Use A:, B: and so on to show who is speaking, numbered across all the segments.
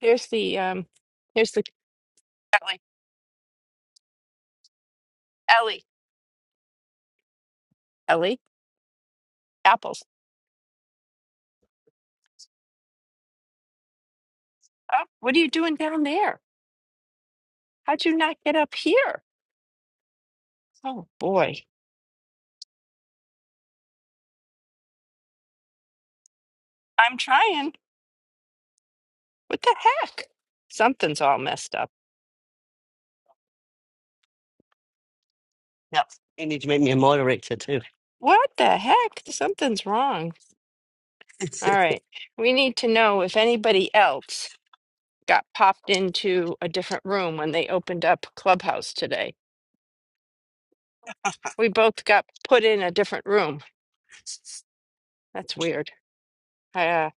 A: Here's the um here's the Ellie. Ellie. Ellie. Apples. Oh, what are you doing down there? How'd you not get up here? Oh boy. I'm trying. What the heck? Something's all messed up.
B: Yep. You need to make me a moderator too.
A: What the heck? Something's wrong. All right. We need to know if anybody else got popped into a different room when they opened up Clubhouse today. We both got put in a different room. That's weird. Uh,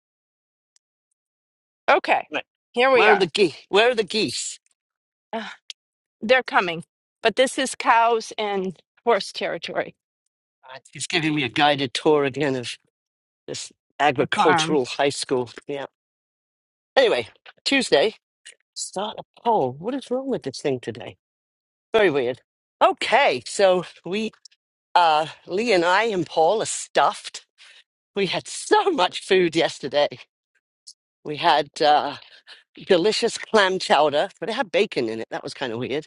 A: okay.
B: right.
A: Here we
B: Where are the
A: are.
B: geese? Where are the geese?
A: They're coming, but this is cows and horse territory,
B: Right. He's giving me a guided tour again of this
A: the farm.
B: agricultural high school. Yeah. Anyway, Tuesday, start a poll. What is wrong with this thing today? Very weird. Okay, so we, uh, Lee and I and Paul are stuffed. We had so much food yesterday. We had. uh, delicious clam chowder, but it had bacon in it. That was kind of weird.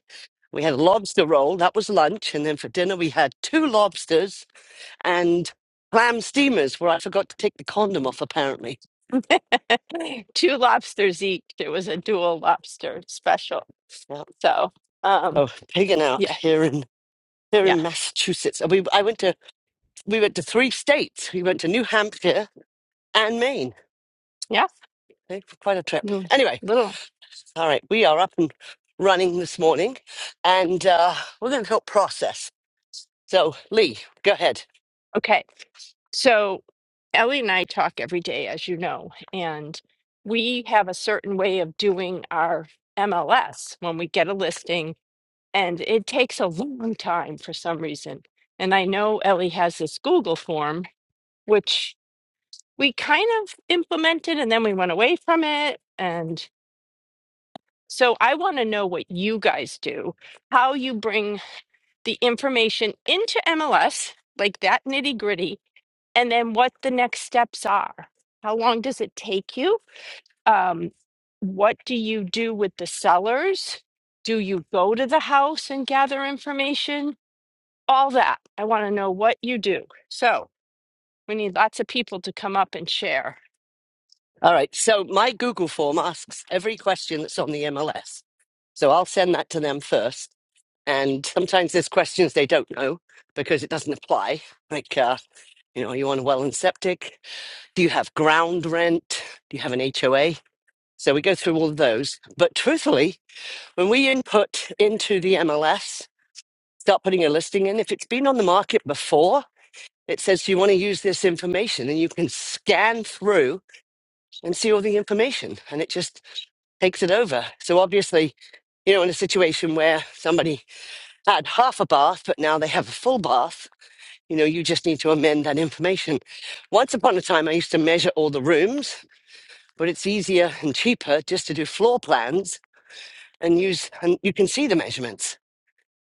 B: We had a lobster roll. That was lunch. And then for dinner, we had two lobsters and clam steamers, where I forgot to take the condom off, apparently.
A: Two lobsters each. It was a dual lobster special.
B: Yeah.
A: So, um,
B: Oh, pigging out
A: yeah,
B: here in here
A: yeah,
B: in Massachusetts. And we I went to we went to three states. We went to New Hampshire and Maine.
A: yeah.
B: Eh, Quite a trip.
A: You-
B: Anyway,
A: Little.
B: all right, we are up and running this morning, and uh, we're going to help process. So, Lee, go ahead.
A: Okay. So, Ellie and I talk every day, as you know, and we have a certain way of doing our MLS when we get a listing, and it takes a long time for some reason. And I know Ellie has this Google form, which we kind of implemented and then we went away from it and so i want to know what you guys do how you bring the information into mls like that nitty gritty and then what the next steps are how long does it take you um, what do you do with the sellers do you go to the house and gather information all that i want to know what you do so we need lots of people to come up and share
B: All right. So my Google form asks every question that's on the MLS. So I'll send that to them first. And sometimes there's questions they don't know because it doesn't apply. Like, uh, you know, are you on well and septic? Do you have ground rent? Do you have an HOA? So we go through all of those. But truthfully, when we input into the MLS, start putting a listing in, if it's been on the market before, it says, Do you want to use this information? And you can scan through and see all the information. And it just takes it over. So obviously, you know, in a situation where somebody had half a bath, but now they have a full bath, you know, you just need to amend that information. Once upon a time, I used to measure all the rooms, but it's easier and cheaper just to do floor plans and use, and you can see the measurements.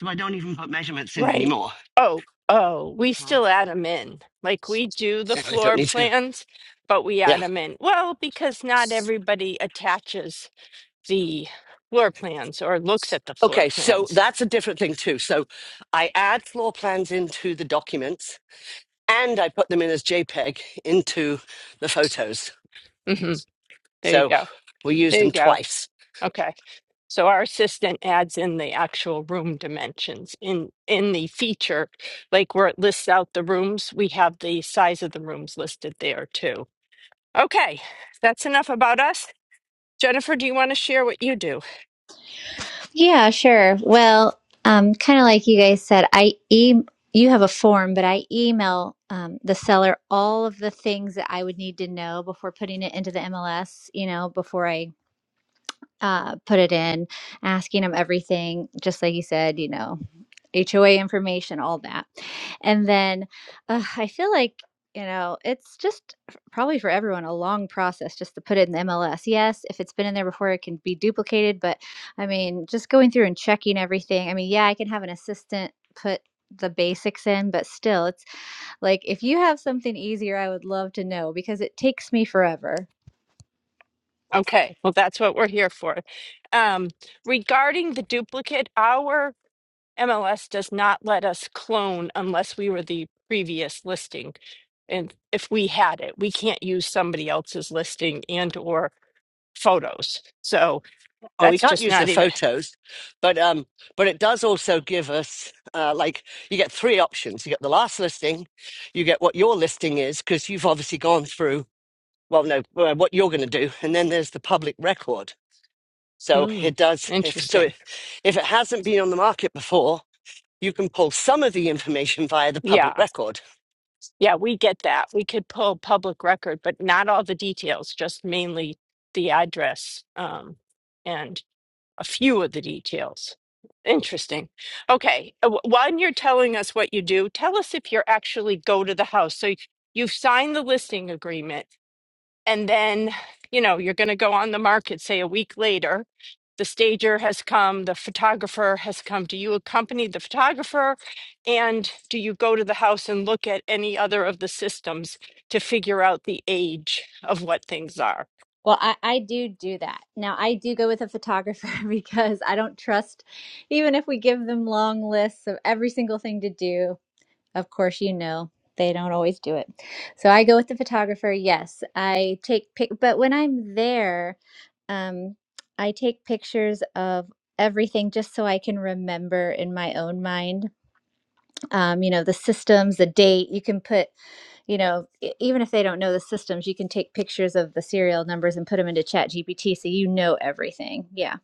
B: So I don't even put measurements in
A: Right.
B: anymore.
A: Oh, oh, we
B: Oh.
A: still add them in. Like we do the
B: So I don't
A: floor
B: need to.
A: plans, but we
B: Yeah.
A: add them in. Well, because not everybody attaches the floor plans or looks at the floor
B: Okay. So
A: plans.
B: that's a different thing too. So I add floor plans into the documents and I put them in as JPEG into the photos.
A: hmm There you
B: So
A: go.
B: we use
A: There you
B: them
A: go.
B: twice.
A: Okay. So our assistant adds in the actual room dimensions in in the feature, like where it lists out the rooms, we have the size of the rooms listed there too. Okay. That's enough about us. Jennifer, do you want to share what you do?
C: Yeah, sure. Well, um, kind of like you guys said, I e you have a form, but I email um, the seller all of the things that I would need to know before putting it into the MLS. You know, before I uh, put it in, asking them everything, just like you said. You know, HOA information, all that. And then uh, I feel like, you know, it's just f- probably for everyone a long process just to put it in the MLS. Yes, if it's been in there before, it can be duplicated. But I mean, just going through and checking everything. I mean, yeah, I can have an assistant put the basics in, but still, it's like if you have something easier, I would love to know because it takes me forever.
A: Okay, well, that's what we're here for. Um, regarding the duplicate, our MLS does not let us clone unless we were the previous listing. And if we had it, we can't use somebody else's listing and or photos. So
B: Well, we
A: that's
B: can't
A: just
B: use the
A: not even,
B: photos, but um, but it does also give us uh, like you get three options. You get the last listing, you get what your listing is because you've obviously gone through. Well, no, uh, what you're going to do, and then there's the public record. So
A: mm,
B: it does. If, so
A: interesting.
B: it, if it hasn't been on the market before, you can pull some of the information via the public
A: Yeah,
B: record.
A: yeah, we get that. We could pull public record, but not all the details, just mainly the address. Um, and a few of the details. Interesting. Okay. uh, wh- When you're telling us what you do, tell us if you actually go to the house. So y- you've signed the listing agreement, and then, you know, you're going to go on the market, say a week later. The stager has come, the photographer has come. Do you accompany the photographer? And do you go to the house and look at any other of the systems to figure out the age of what things are?
C: Well, I, I do do that. Now, I do go with a photographer because I don't trust, even if we give them long lists of every single thing to do, of course, you know, they don't always do it. So I go with the photographer. Yes, I take pic, but when I'm there, um, I take pictures of everything just so I can remember in my own mind, um, you know, the systems, the date. You can put you know, e- even if they don't know the systems, you can take pictures of the serial numbers and put them into Chat GPT so you know everything. Yeah.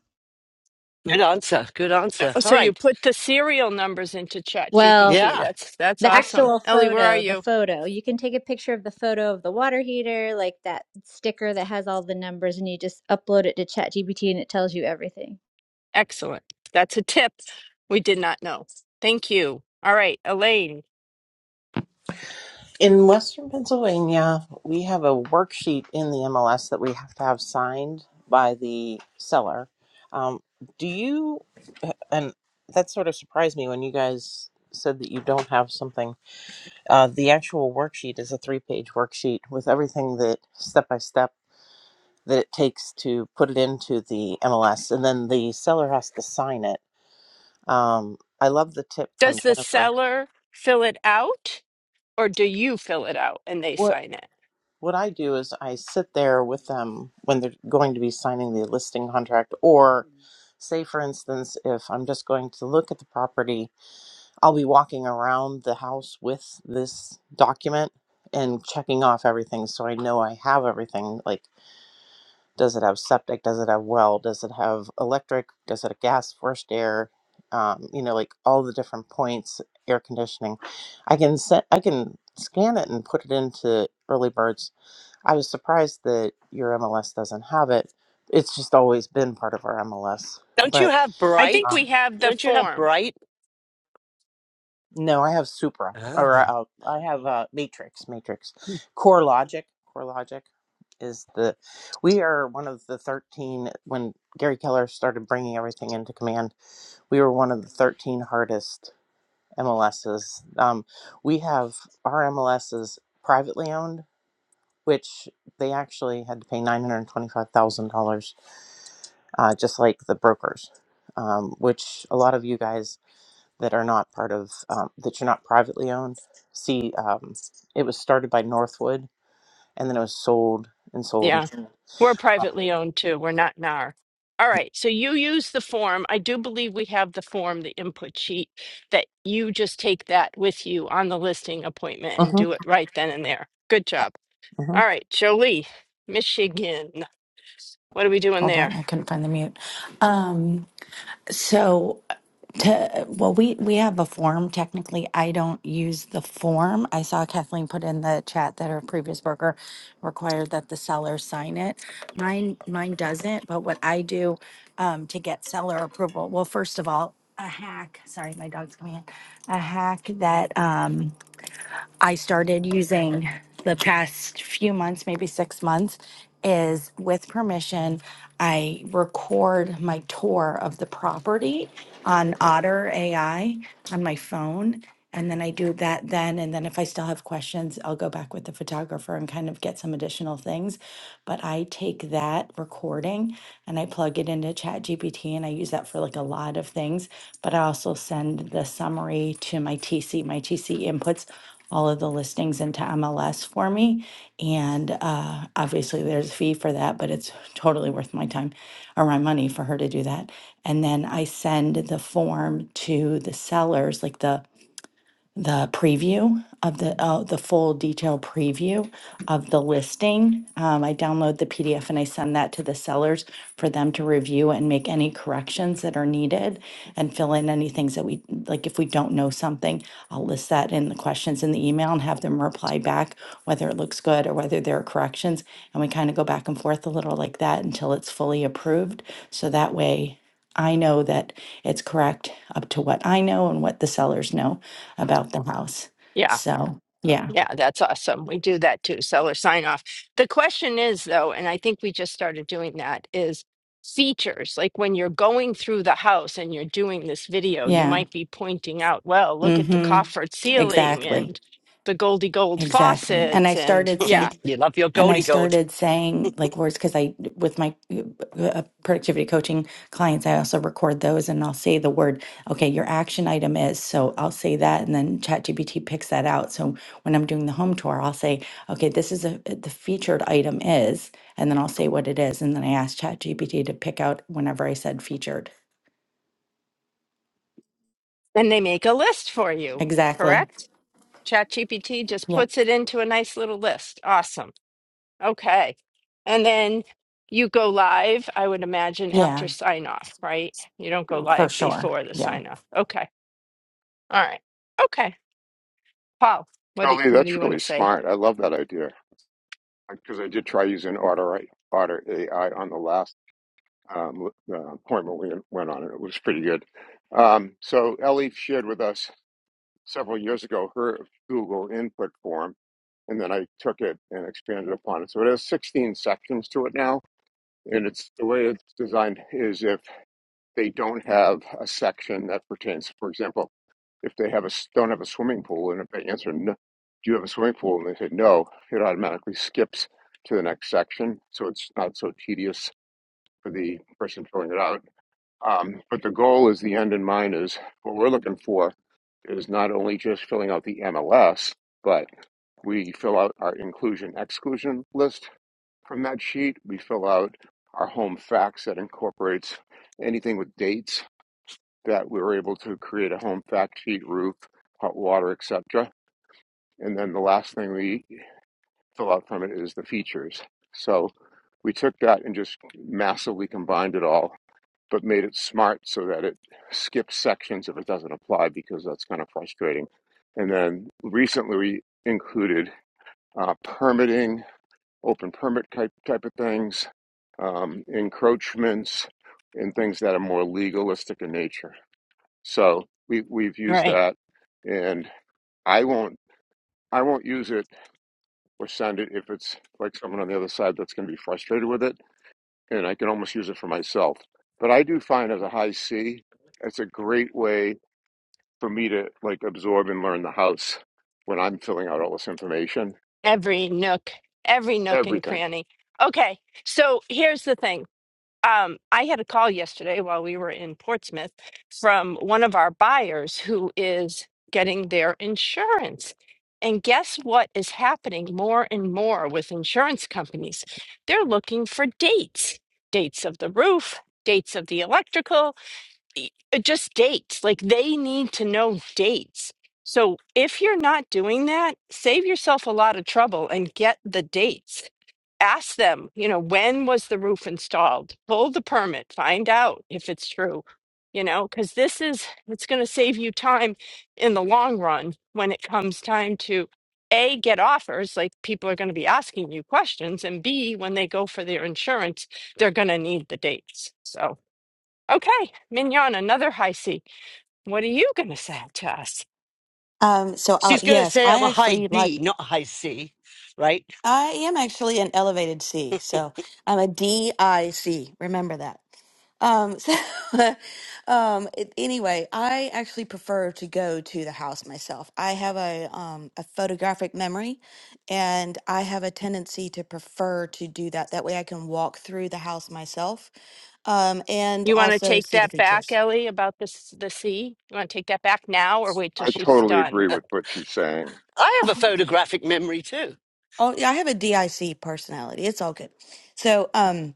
B: Good answer. Good answer.
A: Oh,
B: All
A: so you
B: right.
A: put the serial numbers into Chat
C: Well,
A: GPT.
B: Yeah.
A: That's that's
C: the
A: awesome.
C: actual
A: Ellie, where are
C: photo, the
A: you?
C: photo, you can take a picture of the photo of the water heater, like that sticker that has all the numbers, and you just upload it to Chat GPT and it tells you everything.
A: Excellent. That's a tip we did not know. Thank you. All right, Elaine.
D: In Western Pennsylvania, we have a worksheet in the MLS that we have to have signed by the seller. Um, do you, and that sort of surprised me when you guys said that you don't have something. Uh, the actual worksheet is a three page worksheet with everything that step by step that it takes to put it into the MLS, and then the seller has to sign it. Um, I love the tip from
A: Does the
D: Jennifer.
A: seller fill it out or do you fill it out and they sign it?
D: What I do is I sit there with them when they're going to be signing the listing contract, or say, for instance, if I'm just going to look at the property, I'll be walking around the house with this document and checking off everything so I know I have everything. Like, does it have septic? Does it have well? Does it have electric? Does it have gas, forced air? Um, you know, like all the different points, air conditioning. I can set, I can scan it and put it into Early Birds I was surprised that your MLS doesn't have it. It's just always been part of our MLS.
B: Don't you
D: But
B: have
A: I think
B: Bright?
A: we
D: um,
A: have the
B: Don't you have
A: form.
B: Bright?
D: no, I have Supra or
B: Oh.
D: uh, I have uh, Matrix. Matrix Core Logic. Core Logic is the we are one of the 13 when Gary Keller started bringing everything into command. We were one of the 13 hardest MLSs. Um, we have our MLSs privately owned which they actually had to pay $925,000, uh, just like the brokers, um, which a lot of you guys that are not part of, um, that you're not privately owned, see, um, it was started by Northwood and then it was sold and
A: Yeah.
D: sold.
A: We're privately owned too. We're not NAR. All right. So you use the form. I do believe we have the form, the input sheet, that you just take that with you on the listing appointment and
D: Uh-huh.
A: do it right then and there. Good job. All right. Jolie, Michigan. What are we doing
E: Hold on,
A: there?
E: I couldn't find the mute. Um, so to well, we we have a form. Technically, I don't use the form. I saw Kathleen put in the chat that her previous broker required that the seller sign it. Mine mine doesn't. But what I do um, to get seller approval, well, first of all, a hack. Sorry, my dog's coming in. A hack that. Um, I started using the past few months, maybe six months, is with permission, I record my tour of the property on Otter AI on my phone. And then I do that then. And then if I still have questions, I'll go back with the photographer and kind of get some additional things. But I take that recording and I plug it into ChatGPT and I use that for like a lot of things. But I also send the summary to my TC. My TC inputs all of the listings into MLS for me. And uh, obviously, there's a fee for that, but it's totally worth my time or my money for her to do that. And then I send the form to the sellers, like the the preview of the uh, the full detailed preview of the listing. Um, I download the PDF and I send that to the sellers for them to review and make any corrections that are needed and fill in any things that we like. If we don't know something, I'll list that in the questions in the email and have them reply back whether it looks good or whether there are corrections. And we kind of go back and forth a little like that until it's fully approved. So that way. I know that it's correct up to what I know and what the sellers know about the house.
A: Yeah.
E: So, yeah.
A: Yeah, that's awesome. We do that too, seller sign off. The question is, though, and I think we just started doing that, is features. Like when you're going through the house and you're doing this video, you
E: Yeah.
A: might be pointing out, well, look at the
E: Mhm.
A: coffered ceiling
E: Exactly.
A: and the Goldie Gold
E: Exactly. And I
A: faucets. And
E: started
A: yeah,
E: saying
B: You love your
E: and I
B: goldie gold.
E: started saying like words cuz I with my uh, productivity coaching clients I also record those and I'll say the word okay your action item is so I'll say that and then ChatGPT picks that out so when I'm doing the home tour I'll say okay this is a the featured item is and then I'll say what it is and then I ask ChatGPT to pick out whenever I said featured.
A: and they make a list for you,
E: Exactly.
A: correct? ChatGPT just
E: Yeah.
A: puts it into a nice little list. Awesome. Okay. And then you go live, I would imagine,
E: Yeah,
A: after sign off, right? You don't go
E: for
A: live
E: sure.
A: before the
E: Yeah.
A: sign off. Okay. All right. Okay. Paul, what do,
F: Jolie,
A: what do
F: that's
A: you want
F: really
A: to say?
F: smart. I love that idea because I did try using Otter Otter AI on the last um, uh, appointment we went on, and it was pretty good. Um, so Ellie shared with us several years ago her Google input form, and then I took it and expanded upon it. So it has 16 sections to it now, and it's the way it's designed is if they don't have a section that pertains. For example, if they have a s- don't have a swimming pool, and if they answer, no, "Do you have a swimming pool?" and they say no, it automatically skips to the next section, so it's not so tedious for the person filling it out. Um, but the goal is the end in mind is what we're looking for is not only just filling out the MLS, but we fill out our inclusion exclusion list from that sheet. We fill out our home facts that incorporates anything with dates that we were able to create a home fact sheet, roof, hot water, etc. And then the last thing we fill out from it is the features. So we took that and just massively combined it all, but made it smart so that it skips sections if it doesn't apply because that's kind of frustrating. And then recently we included uh, permitting, open permit type type of things, um, encroachments, and things that are more legalistic in nature. So we we've
A: All
F: used
A: right.
F: that, and I won't I won't use it or send it if it's like someone on the other side that's going to be frustrated with it, and I can almost use it for myself. But I do find as a high C, it's a great way for me to like absorb and learn the house when I'm filling out all this information,
A: Every nook, every nook and
F: everything.
A: cranny. Okay. So here's the thing. Um, I had a call yesterday while we were in Portsmouth from one of our buyers who is getting their insurance. And guess what is happening more and more with insurance companies? They're looking for dates, dates of the roof, dates of the electrical, e- uh, just dates. Like they need to know dates. So if you're not doing that, save yourself a lot of trouble and get the dates ask them, you know, when was the roof installed? Pull the permit, find out if it's true, you know, because this is, it's going to save you time in the long run when it comes time to A, get offers, like people are going to be asking you questions, and B, when they go for their insurance, they're going to need the dates. So, okay, Mignon, another high C. What are you going to say to us?
G: Um, so uh,
B: She's going to
G: yes,
B: say I'm
G: I
B: a high
G: actually like
B: D, not a high C, right?
G: I am actually an elevated C. So I'm a DIC. Remember that. Um, so um, it, anyway, I actually prefer to go to the house myself. I have a um, a photographic memory, and I have a tendency to prefer to do that. That way, I can walk through the house myself, um, and
A: You want to
G: also
A: take
G: see the
A: that back,
G: features.
A: Ellie, about this the C? You want to take that back now or wait till
F: I
A: she's
F: totally
A: done?
F: agree with what she's saying.
B: I have a photographic memory too.
G: oh yeah, I have a DIC personality. It's all good. So um.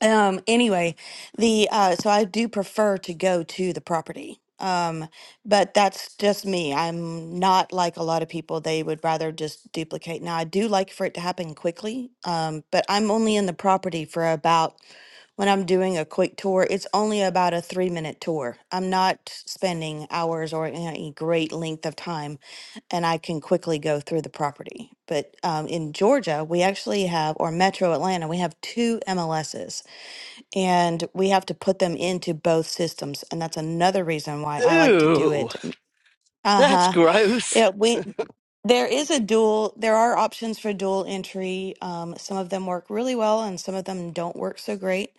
G: Um, anyway, the uh, so I do prefer to go to the property. Um, but that's just me. I'm not like a lot of people. They would rather just duplicate. Now, I do like for it to happen quickly. Um, but I'm only in the property for about when I'm doing a quick tour, it's only about a three minute tour. I'm not spending hours or any great length of time, and I can quickly go through the property. But um, in Georgia, we actually have, or Metro Atlanta, we have two MLSs and we have to put them into both systems and that's another reason why i like to do
B: Ooh,
G: it M-
B: that's
G: uh-huh
B: gross.
G: yeah we there is a dual there are options for dual entry um, some of them work really well and some of them don't work so great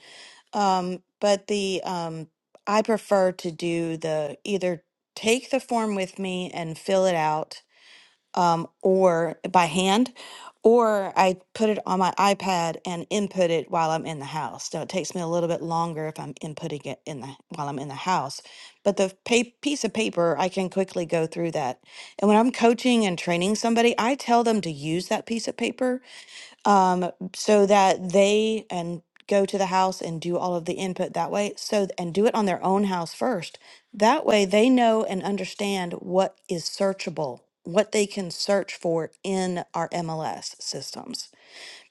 G: um, but the um, i prefer to do the either take the form with me and fill it out um, or by hand, or I put it on my iPad and input it while I'm in the house. So it takes me a little bit longer if I'm inputting it in the while I'm in the house. But the pa- piece of paper, I can quickly go through that. And when I'm coaching and training somebody, I tell them to use that piece of paper um, so that they and go to the house and do all of the input that way. So, and do it on their own house first. That way they know and understand what is searchable, what they can search for in our MLS systems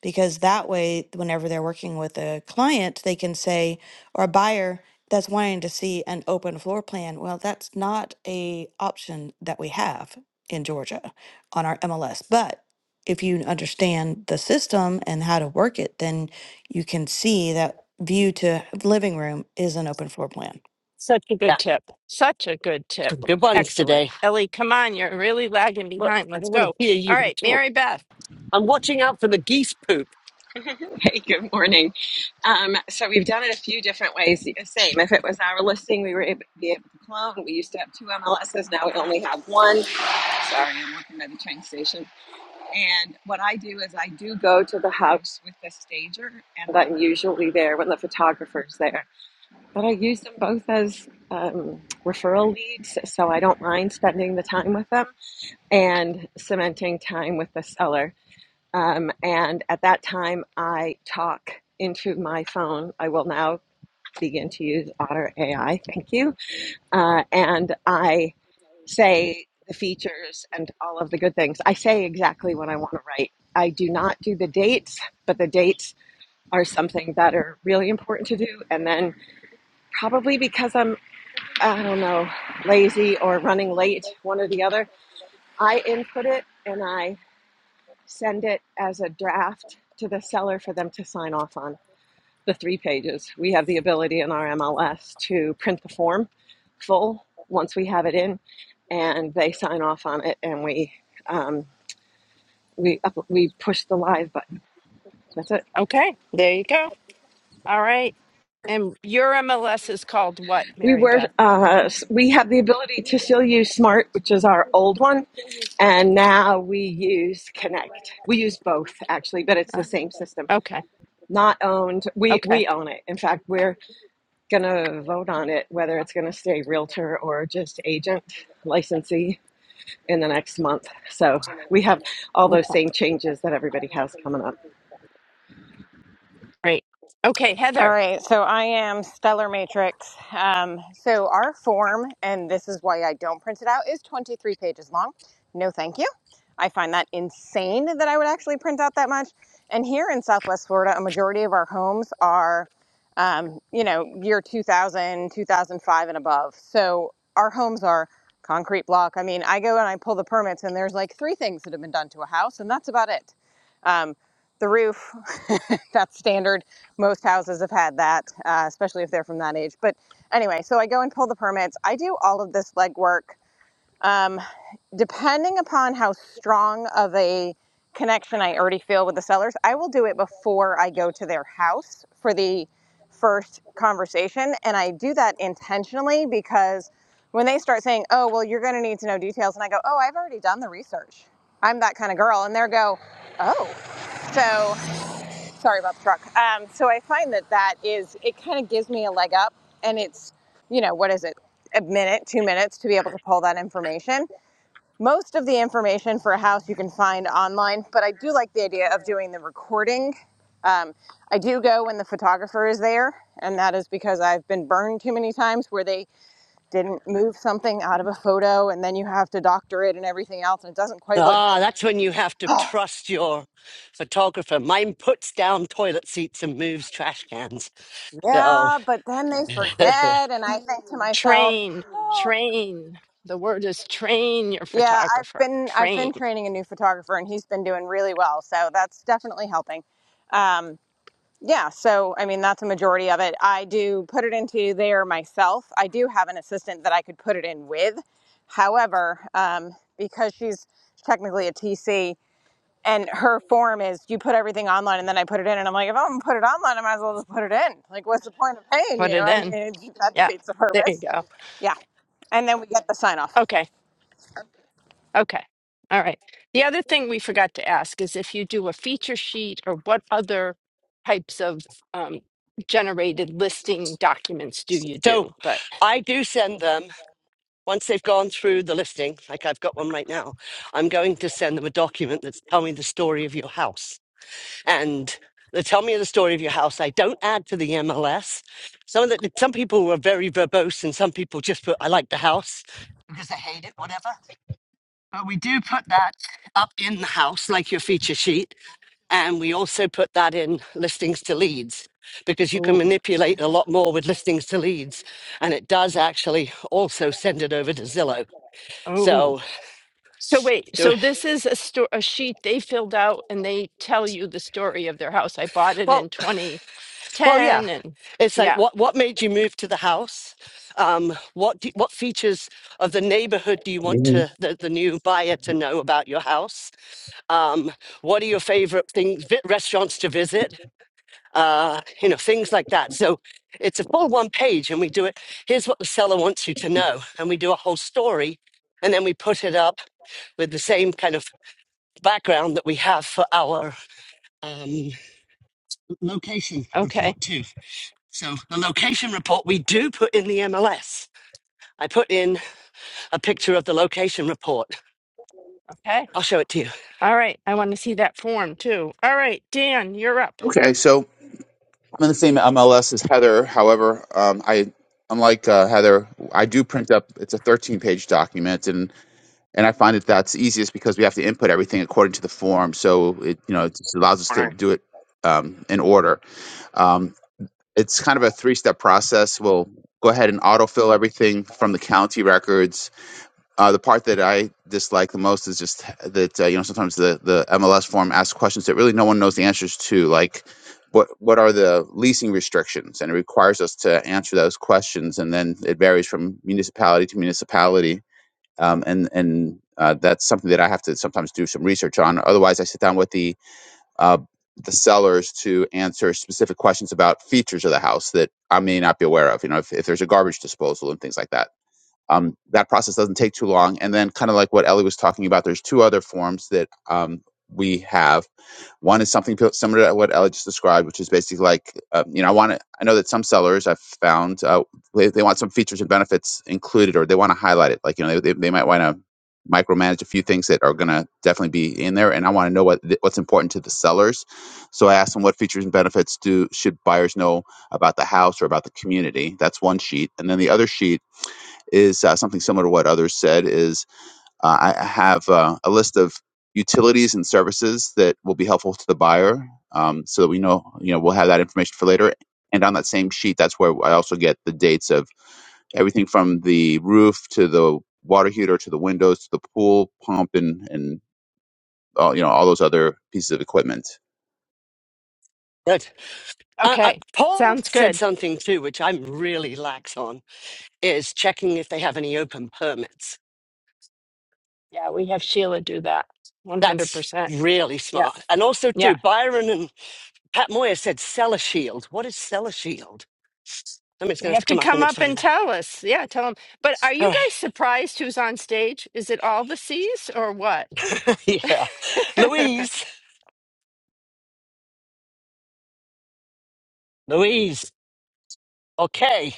G: because that way, whenever they're working with a client, they can say, or a buyer that's wanting to see an open floor plan, well, that's not a option that we have in Georgia on our MLS. But if you understand the system and how to work it, then you can see that view to living room is an open floor plan.
A: Such a good
B: Yeah,
A: tip. Such a good tip.
B: good ones
A: Excellent.
B: today.
A: Ellie, come on. You're really lagging
B: But
A: behind.
B: I
A: Let's
B: don't want to
A: go.
B: hear
A: All
B: you
A: right.
B: talk.
A: Mary Beth.
B: I'm watching out for the geese poop.
H: Hey, good morning. Um, so we've done it a few different ways. Same, if it was our listing, we were able to be able to clone. We used to have two MLSs, now we only have one. Sorry, I'm working at the train station. And what I do is I do go to the house with the stager, and I'm usually there when the photographer's there. But I use them both as um, referral leads, so I don't mind spending the time with them and cementing time with the seller um, and at that time, I talk into my phone. I will now begin to use Otter AI. Thank you. Uh, and I say the features and all of the good things. I say exactly what I want to write. I do not do the dates, but the dates are something that are really important to do. And then probably because I'm, I don't know, lazy or running late, one or the other, I input it and I send it as a draft to the seller for them to sign off on the three pages. We have the ability in our MLS to print the form full once we have it in, and they sign off on it, and we um, we up, we push the live button. That's it.
A: Okay. There you go. All right. And your MLS is called what,
H: We
A: Mary
H: were
A: Beth?
H: uh, we have the ability to still use Smart, which is our old one, and now we use Connect. We use both actually, but it's
A: Uh,
H: the same system.
A: okay.
H: Not owned. We
A: Okay.
H: we own it. In fact, we're going to vote on it, whether it's going to stay realtor or just agent licensee in the next month. So we have all those
A: Okay.
H: same changes that everybody has coming up.
A: Great. Okay.
I: All
A: Heather,
I: right, so I am Stellar Matrix. Um, so our form, and this is why I don't print it out, is 23 pages long. No, thank you. I find that insane that I would actually print out that much. And here in Southwest Florida, a majority of our homes are, um, you know, year 2000, 2005, and above. So our homes are concrete block. I mean, I go and I pull the permits, and there's like three things that have been done to a house, and that's about it. Um, the roof that's standard. Most houses have had that, uh, especially if they're from that age. But anyway, so I go and pull the permits. I do all of this legwork. Um, depending upon how strong of a connection I already feel with the sellers, I will do it before I go to their house for the first conversation. And I do that intentionally because when they start saying, oh, well, you're going to need to know details, and I go, oh, I've already done the research. I'm that kind of girl. And they go, oh. so." sorry about the truck. Um, so I find that that is, it kind of gives me a leg up and it's, you know, what is it? A minute, two minutes to be able to pull that information. Most of the information for a house you can find online, but I do like the idea of doing the recording. Um, I do go when the photographer is there, and that is because I've been burned too many times where they didn't move something out of a photo and then you have to doctor it and everything else, and it doesn't quite look right.
B: Ah, that's when you have to trust your photographer. Mine puts down toilet seats and moves trash cans. So,
I: Yeah, but then they forget, and I think to myself,
A: train,
I: oh,
A: train. The word is train your
I: Yeah, I've
A: photographer.
I: been I've
A: Train.
I: been training a new photographer, and he's been doing really well. So that's definitely helping. Um, yeah, so I mean that's a majority of it. I do put it into there myself. I do have an assistant that I could put it in with. However, um, because she's technically a TC, and her form is you put everything online, and then I put it in, and I'm like, if I'm gonna put it online, I might as well just put it in. Like, what's the point of paying
A: Put
I: you?
A: it
I: I mean,
A: in.
I: that
A: Yeah.
I: defeats the
A: There you
I: purpose.
A: go.
I: Yeah, and then we get the sign off.
A: Okay. Okay. All right. The other thing we forgot to ask is if you do a feature sheet or what other types of um, generated listing documents do you
B: so
A: do? But
B: I do send them. Once they've gone through the listing, like I've got one right now, I'm going to send them a document that's tell me the story of your house. And they tell me the story of your house. I don't add to the MLS. Some of the some people were very verbose and some people just put I like the house because I hate it, whatever. But we do put that up in the house, like your feature sheet. And we also put that in listings to leads because you can
A: oh,
B: manipulate a lot more with listings to leads. And it does actually also send it over to Zillow.
A: oh.
B: So,
A: So wait, so
B: there,
A: this is a sto- a sheet they filled out and they tell you the story of their house. I bought it in
B: well, well, yeah.
A: 2010 and
B: It's like
A: yeah.
B: what what made you move to the house? Um, what do, what features of the neighborhood do you want
J: Mhm.
B: to the, the new buyer to know about your house? Um, what are your favorite things vi- restaurants to visit? Uh, you know things like that. So it's a full one page, and we do it. Here's what the seller wants you to know, and we do a whole story, and then we put it up with the same kind of background that we have for our um, location
A: Okay.
B: report too. So the location report we do put in the MLS. I put in a picture of the location report.
A: Okay.
B: I'll show it to you.
A: All right. I want to see that form too. All right, Dan, you're up.
J: Okay, so I'm in the same MLS as Heather. However, um, I unlike uh, Heather, I do print up. It's a 13 page document, and and I find that that's easiest because we have to input everything according to the form. So it you know it just allows us
F: When I
J: to do it um, in order. Um, it's kind of a three step process. We'll go ahead and autofill everything from the county records Uh, the part that I dislike the most is just that uh, you know sometimes the the MLS form asks questions that really no one knows the answers to, like what what are the leasing restrictions, and it requires us to answer those questions, and then it varies from municipality to municipality, um, and and uh, that's something that I have to sometimes do some research on. Otherwise, I sit down with the uh, the sellers to answer specific questions about features of the house that I may not be aware of. You know, if, if there's a garbage disposal and things like that um, that process doesn't take too long. And then, kind of like what Ellie was talking about, there's two other forms that um, we have. One is something pil- similar to what Ellie just described, which is basically like, uh, you know, I want to, I know that some sellers I've found, uh, they, they want some features and benefits included or they want to highlight it. Like, you know, they, they might want to micromanage a few things that are going to definitely be in there and i want to know what th- what's important to the sellers so i asked them what features and benefits do should buyers know about the house or about the community that's one sheet and then the other sheet is uh, something similar to what others said is uh, I have uh, a list of utilities and services that will be helpful to the buyer um, so that we know, you know, we'll have that information for later. And on that same sheet, that's where I also get the dates of everything from the roof to the water heater to the windows to the pool pump and, and all, you know, all those other pieces of equipment.
B: Good. Uh, uh,
A: Okay.
B: Paul
A: Sounds
B: said
A: good.
B: something too, which I'm really lax on, is checking if they have any open permits.
A: Yeah, we have Sheila do that.
B: That's
A: 100%.
B: really
A: Yeah.
B: smart. And also too,
A: Yeah.
B: Byron and Pat Moyer said seller shield. What is seller shield? Somebody's going
A: They
B: to have
A: have
B: to
A: to
B: come up and
A: come up
B: explain
A: and
B: that.
A: tell us. Yeah, tell them. But are
B: All
A: you
B: right.
A: guys surprised who's on stage? Is it all the C's or what?
B: Yeah. Louise. Louise. Okay.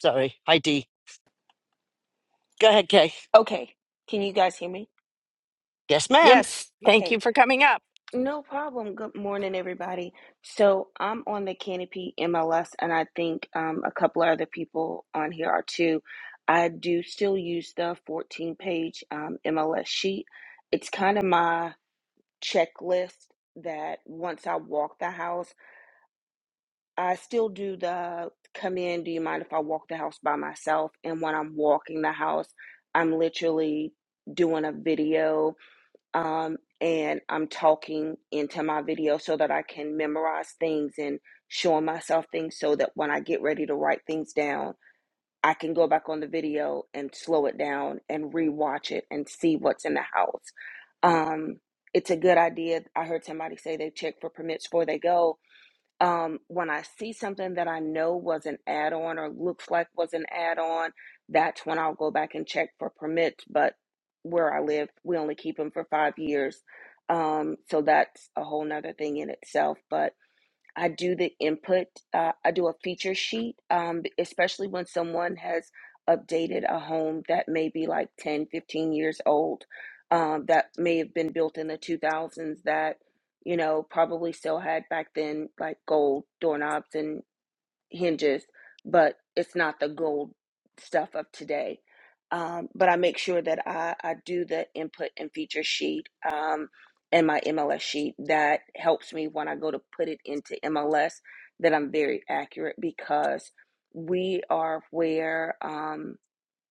B: Sorry. Hi, D. Go ahead, Kay.
K: Okay. Can you guys hear me?
B: Yes, ma'am.
A: yes. Thank
K: Okay.
A: you for coming up.
K: No problem. Good morning, everybody. So I'm on the Canopy MLS, and I think um, a couple of other people on here are too. I do still use the 14 page um, MLS sheet. It's kind of my checklist that once I walk the house, I still do the come in. Do you mind if I walk the house by myself? And when I'm walking the house, I'm literally doing a video um, and I'm talking into my video so that I can memorize things and showing myself things so that when I get ready to write things down, I can go back on the video and slow it down and rewatch it and see what's in the house. Um, it's a good idea. I heard somebody say they check for permits before they go um, when I see something that I know was an add on or looks like was an add on, that's when I'll go back and check for permits. But where I live, we only keep them for five years. Um, so that's a whole nother thing in itself. But I do the input. Uh, I do a feature sheet, um, especially when someone has updated a home that may be like 10, 15 years old, um, that may have been built in the 2000s that, you know, probably still had back then like gold doorknobs and hinges, but it's not the gold stuff of today. Um, but I make sure that I, I do the input and feature sheet um, and my MLS sheet that helps me when I go to put it into MLS that I'm very accurate because we are where. Um,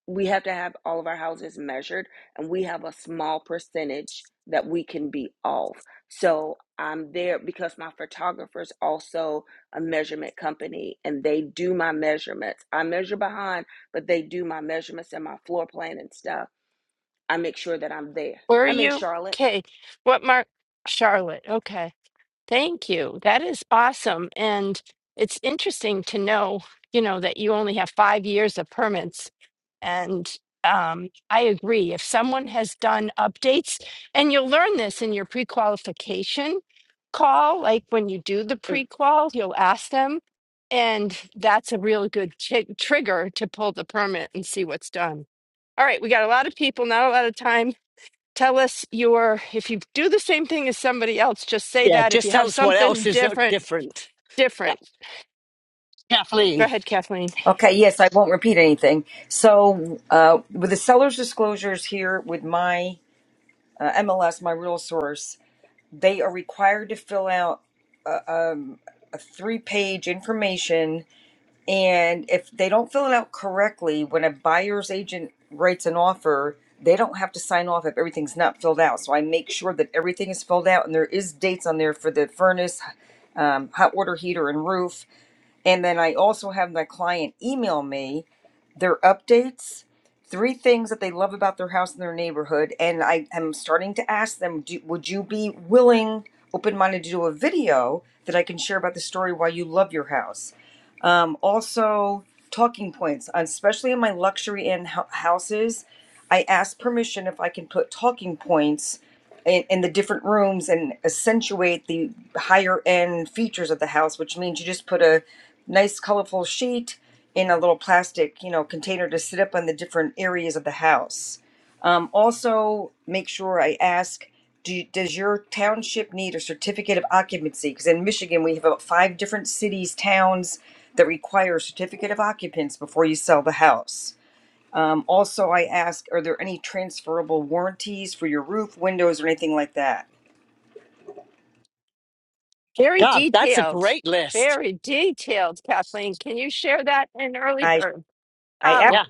K: we have to have all of our houses measured and we have a small percentage that we can be off so i'm there because my photographer's also a measurement company and they do my measurements i measure behind but they do my measurements and my floor plan and stuff i make sure that i'm there
A: Where are
K: i'm in
A: you?
K: charlotte
A: Okay. What mark? Charlotte. Okay. Thank you. That is awesome. And it's interesting to know, you know, that you only have five years of permits. And um, I agree. If someone has done updates, and you'll learn this in your pre qualification call, like when you do the pre qual, you'll ask them. And that's a real good chi- trigger to pull the permit and see what's done. All right, we got a lot of people, not a lot of time. Tell us your, if you do the same thing as somebody else, just say
B: Yeah,
A: that. If
B: just
A: you
B: tell
A: have
B: us what
A: something
B: else is uh,
A: different,
B: different. Yeah.
A: different. Go
B: Kathleen.
A: ahead, Kathleen.
L: Okay, yes, I won't repeat anything. So, uh, with the seller's disclosures here with my uh, MLS, my real source, they are required to fill out three page information. And if they don't fill it out correctly, when a buyer's agent writes an offer, they don't have to sign off if everything's not filled out. So, I make sure that everything is filled out and there is dates on there for the furnace, um, hot water heater, and roof. And then I also have my client email me their updates, three things that they love about their house and their neighborhood. And I am starting to ask them, do, would you be willing, open minded, to do a video that I can share about the story why you love your house? um, also talking points, especially in my luxury in hou- houses. I ask permission if I can put talking points in, in the different rooms and accentuate the higher end features of the house, which means you just put a nice colorful sheet in a little plastic, you know, container to sit up on the different areas of the house. Um, also, make sure I ask, do, does your township need a certificate of occupancy? Because in Michigan, we have about five different cities, towns that require a certificate of occupants before you sell the house. Um, also, I ask, are there any transferable warranties for your roof, windows, or anything like that?
A: Very
B: God, that's a
A: detailed.
B: great list.
A: Very detailed, Kathleen. Can you share that in early
L: I,
A: bird?
L: I, ab-
A: Um,
B: Yeah.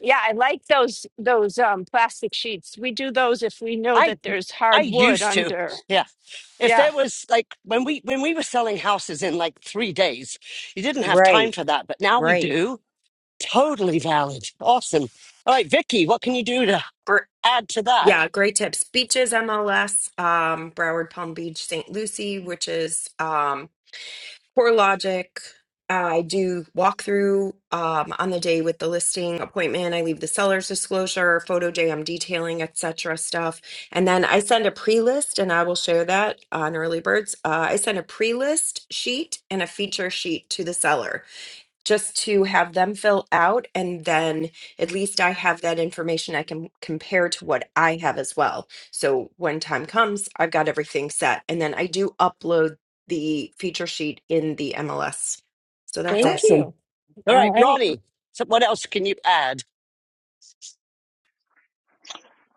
A: yeah, I like those those um plastic sheets. We do those if we know
B: I
A: that there's
B: I
A: hard wood
B: used to.
A: under.
B: Yeah. If
A: Yeah.
B: there was like when we when we were selling houses in like three days, you didn't have time
L: Right,
B: for that, but now we
L: right.
B: do. Totally valid. Awesome. All right, Vicky, what can you do to
M: Gr-
B: add to that?
M: Yeah, great tips. Beaches, MLS, um, Broward, Palm Beach, St. Lucie, which is um, CoreLogic. I do walkthrough um, on the day with the listing appointment. I leave the seller's disclosure, photo day, I'm detailing, etc. stuff. And then I send a pre list, and I will share that on Early Birds. Uh, I send a pre list sheet and a feature sheet to the seller just to have them fill out and then at least I have that information I can compare to what I have as well. So when time comes, I've got everything set and then I do upload the feature sheet in the MLS. So that's
A: Thank
M: it.
B: Awesome.
A: you.
B: All right,
A: All right.
B: Ronnie. So what else can you add?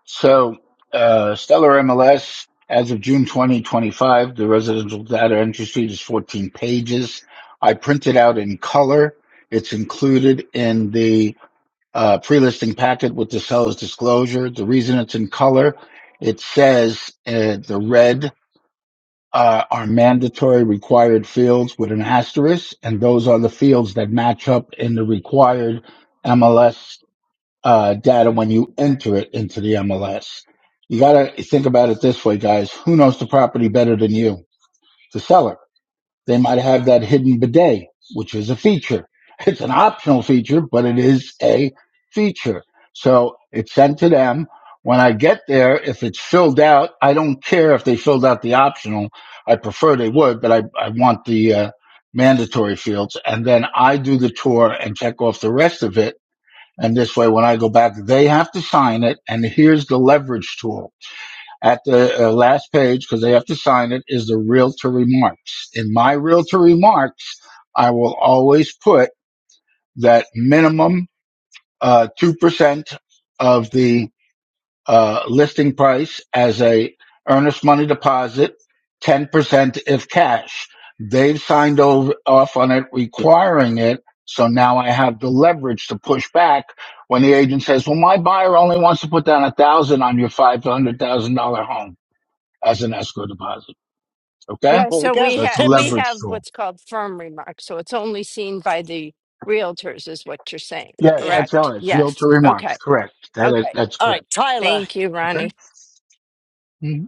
N: So, uh, Stellar MLS, as of June 2025, the residential data entry sheet is 14 pages. I print it out in color. It's included in the uh, pre-listing packet with the seller's disclosure. The reason it's in color, it says uh, the red uh, are mandatory required fields with an asterisk, and those are the fields that match up in the required MLS uh, data when you enter it into the MLS. You got to think about it this way, guys. Who knows the property better than you? The seller. They might have that hidden bidet, which is a feature. It's an optional feature, but it is a feature. So it's sent to them. When I get there, if it's filled out, I don't care if they filled out the optional. I prefer they would, but I, I want the uh, mandatory fields. And then I do the tour and check off the rest of it and this way, when I go back, they have to sign it. And here's the leverage tool at the uh, last page because they have to sign it is the realtor remarks. In my realtor remarks, I will always put that minimum uh, 2% of the uh, listing price as a earnest money deposit, 10% if cash. They've signed over, off on it, requiring it. So now I have the leverage to push back when the agent says, well, my buyer only wants to put down a thousand on your $500,000 home as an escrow deposit. Okay.
A: Yeah,
B: There we
A: so
B: go.
A: we
N: So it's a
A: have we
B: Tips.
N: leverage
A: have
N: tool.
A: what's called firm remarks, so it's only seen by the realtors, is what you're saying,
N: Yes,
B: Yeah.
N: that's
A: correct?
N: how it is.
A: Yes.
N: Realtor remarks.
A: Okay.
N: Correct. That is,
A: Okay.
N: that's
B: All right,
N: correct.
B: Tyler.
A: Thank you,
N: Okay.
A: Ronnie.
N: Mm-hmm.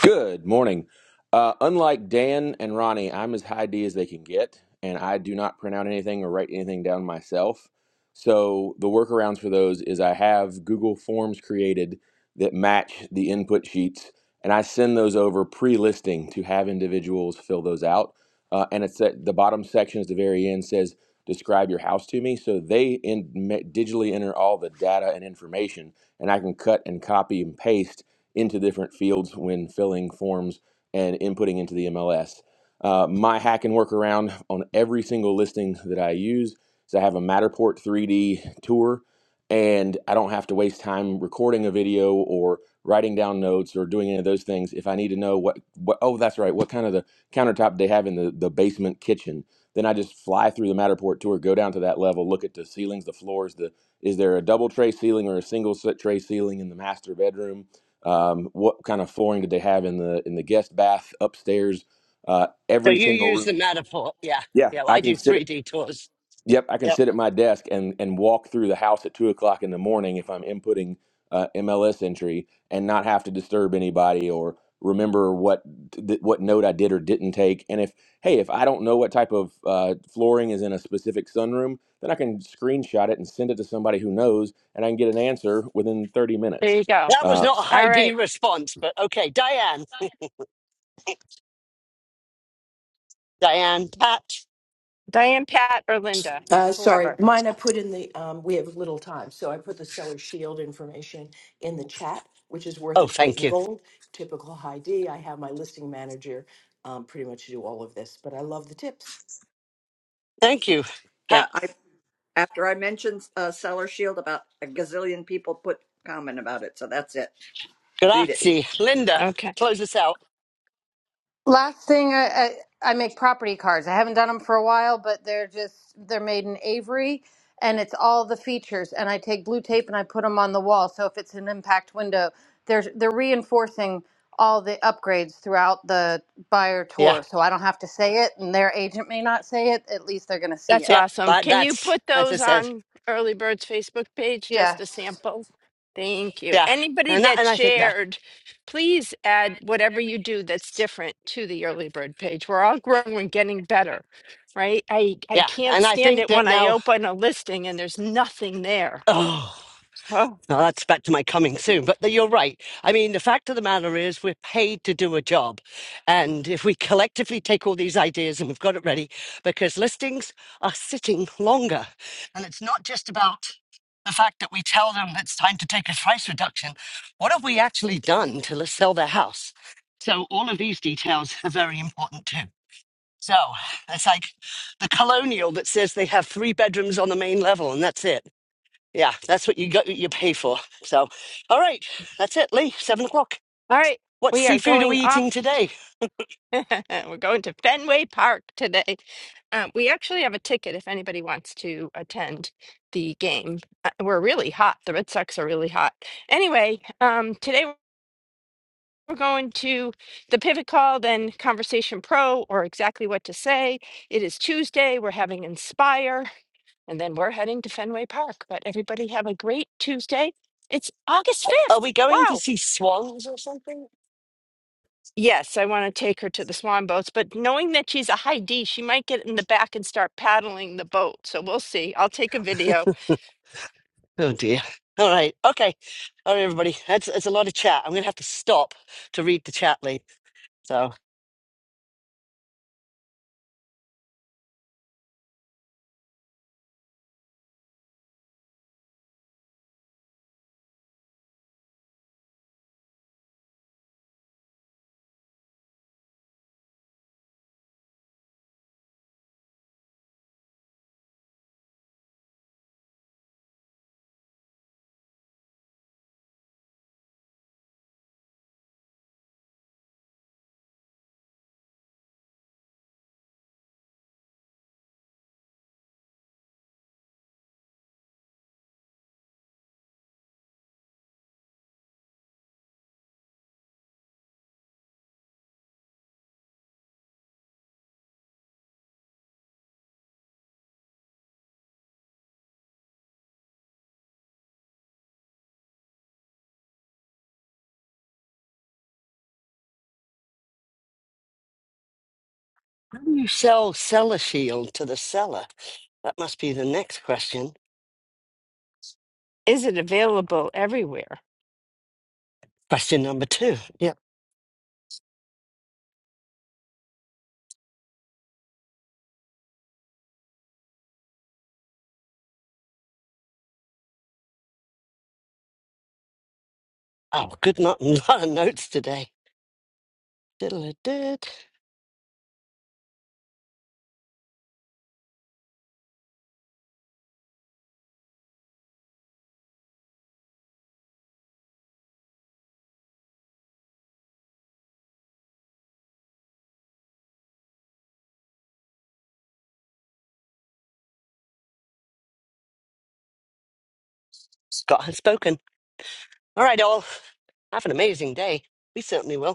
O: Good morning. Uh, unlike Dan and Ronnie, I'm as high D as they can get, and I do not print out anything or write anything down myself. So the workarounds for those is I have Google Forms created that match the input sheets, and I send those over pre-listing to have individuals fill those out. Uh, and it's at the bottom section at the very end says describe your house to me so they in, ma- digitally enter all the data and information and i can cut and copy and paste into different fields when filling forms and inputting into the MLS. Uh, my hack and workaround on every single listing that I use is I have a Matterport 3D tour, and I don't have to waste time recording a video or writing down notes or doing any of those things. If I need to know what, what oh, that's right, what kind of the countertop they have in the, the basement kitchen, then I just fly through the Matterport tour, go down to that level, look at the ceilings, the floors, the is there a double tray ceiling or a single tray ceiling in the master bedroom? um, what kind of flooring did they have in the in the guest bath upstairs uh,
B: So
O: every
B: you
O: single
B: use the
O: room
B: Matterport. Yeah.
O: yeah
B: Yeah. well,
O: i
B: I do
O: can sit at,
B: 3D tours.
O: yep i can
B: Yep.
O: sit at my desk and and walk through the house at two o'clock in the morning if i'm inputting uh, mls entry and not have to disturb anybody or remember what th- what note i did or didn't take and if hey if i don't know what type of uh, flooring is in a specific sunroom then i can screenshot it and send it to somebody who knows and i can get an answer within 30
A: There
O: minutes
A: you go.
B: That was
O: Uh,
B: not a
A: All
B: high D
A: right,
B: response, but okay. Diane. Diane. Pat.
A: Diane, Pat, or Linda,
P: Uh, sorry,
A: whoever.
P: mine I put in the, um, we have little time, so I put the seller shield information in the chat, which is worth
B: Oh,
P: its weight
B: thank
P: in
B: you.
P: gold. Typical high D, I have my listing manager, um, pretty much do all of this, but I love the tips.
B: Thank you. Pat.
Q: Yeah, I after I mentioned uh, Seller Shield about a gazillion people put comment about it, so that's it. Read it.
B: Grazie. Linda.
A: Okay.
B: Close us out.
R: Last thing, I, I I make property cards. I haven't done them for a while, but they're just they're made in Avery, and it's all the features. And I take blue tape and I put them on the wall. So if it's an impact window, they're they're reinforcing all the upgrades throughout the buyer
B: Yeah.
R: tour. So I don't have to say it, and their agent may not say it. At least they're going to see
A: That's
R: it.
B: Yep.
A: awesome.
B: That,
A: Can you
B: that's,
A: put
B: as I
A: those
B: said.
A: on Early Bird's Facebook page, just
R: Yeah.
A: a sample? Thank you.
B: Yeah.
A: Anybody
B: And that,
A: that
B: and I think that,
A: shared, please add whatever you do that's different to the Early Bird page. We're all growing and getting better, right? I, I
B: yeah.
A: can't
B: And I
A: stand
B: think
A: it
B: that
A: when I
B: now,
A: open a listing and there's nothing there.
B: Oh.
A: Oh,
B: Now that's back to my coming soon, but you're right. I mean, the fact of the matter is, we're paid to do a job. And if we collectively take all these ideas and we've got it ready, because listings are sitting longer. And it's not just about the fact that we tell them it's time to take a price reduction. What have we actually done to sell their house? So, all of these details are very important too. So, it's like the colonial that says they have three bedrooms on the main level and that's it. Yeah, that's what you got. You pay for. So, all right, that's it, Lee. Seven o'clock.
A: all right.
B: What
A: We are
B: seafood are
A: going
B: we
A: off.
B: eating today?
A: We're going to Fenway Park today. Um, we actually have a ticket if anybody wants to attend the game. Uh, We're really hot. The Red Sox are really hot. Anyway, um, today we're going to the Pivot Call, then Conversation Pro, or exactly what to say. It is Tuesday. We're having Inspire, and then we're heading to Fenway Park. But everybody have a great Tuesday. It's August
B: Are
A: 5th.
B: we going to
A: Wow.
B: see swans or something?
A: Yes, I want to take her to the swan boats, but knowing that she's a high D, she might get in the back and start paddling the boat. So we'll see. I'll take a video.
B: Oh dear. All right. Okay. All right, everybody. That's that's a lot of chat. I'm gonna have to stop to read the chat, Lee. So, how do you sell cellar shield to the seller? That must be the next question.
A: Is it available everywhere?
B: Question number two. Yeah. Oh, good. Not a lot of notes today. Diddle-a-did. Scott has spoken. All right, all. Have an amazing day. We certainly will.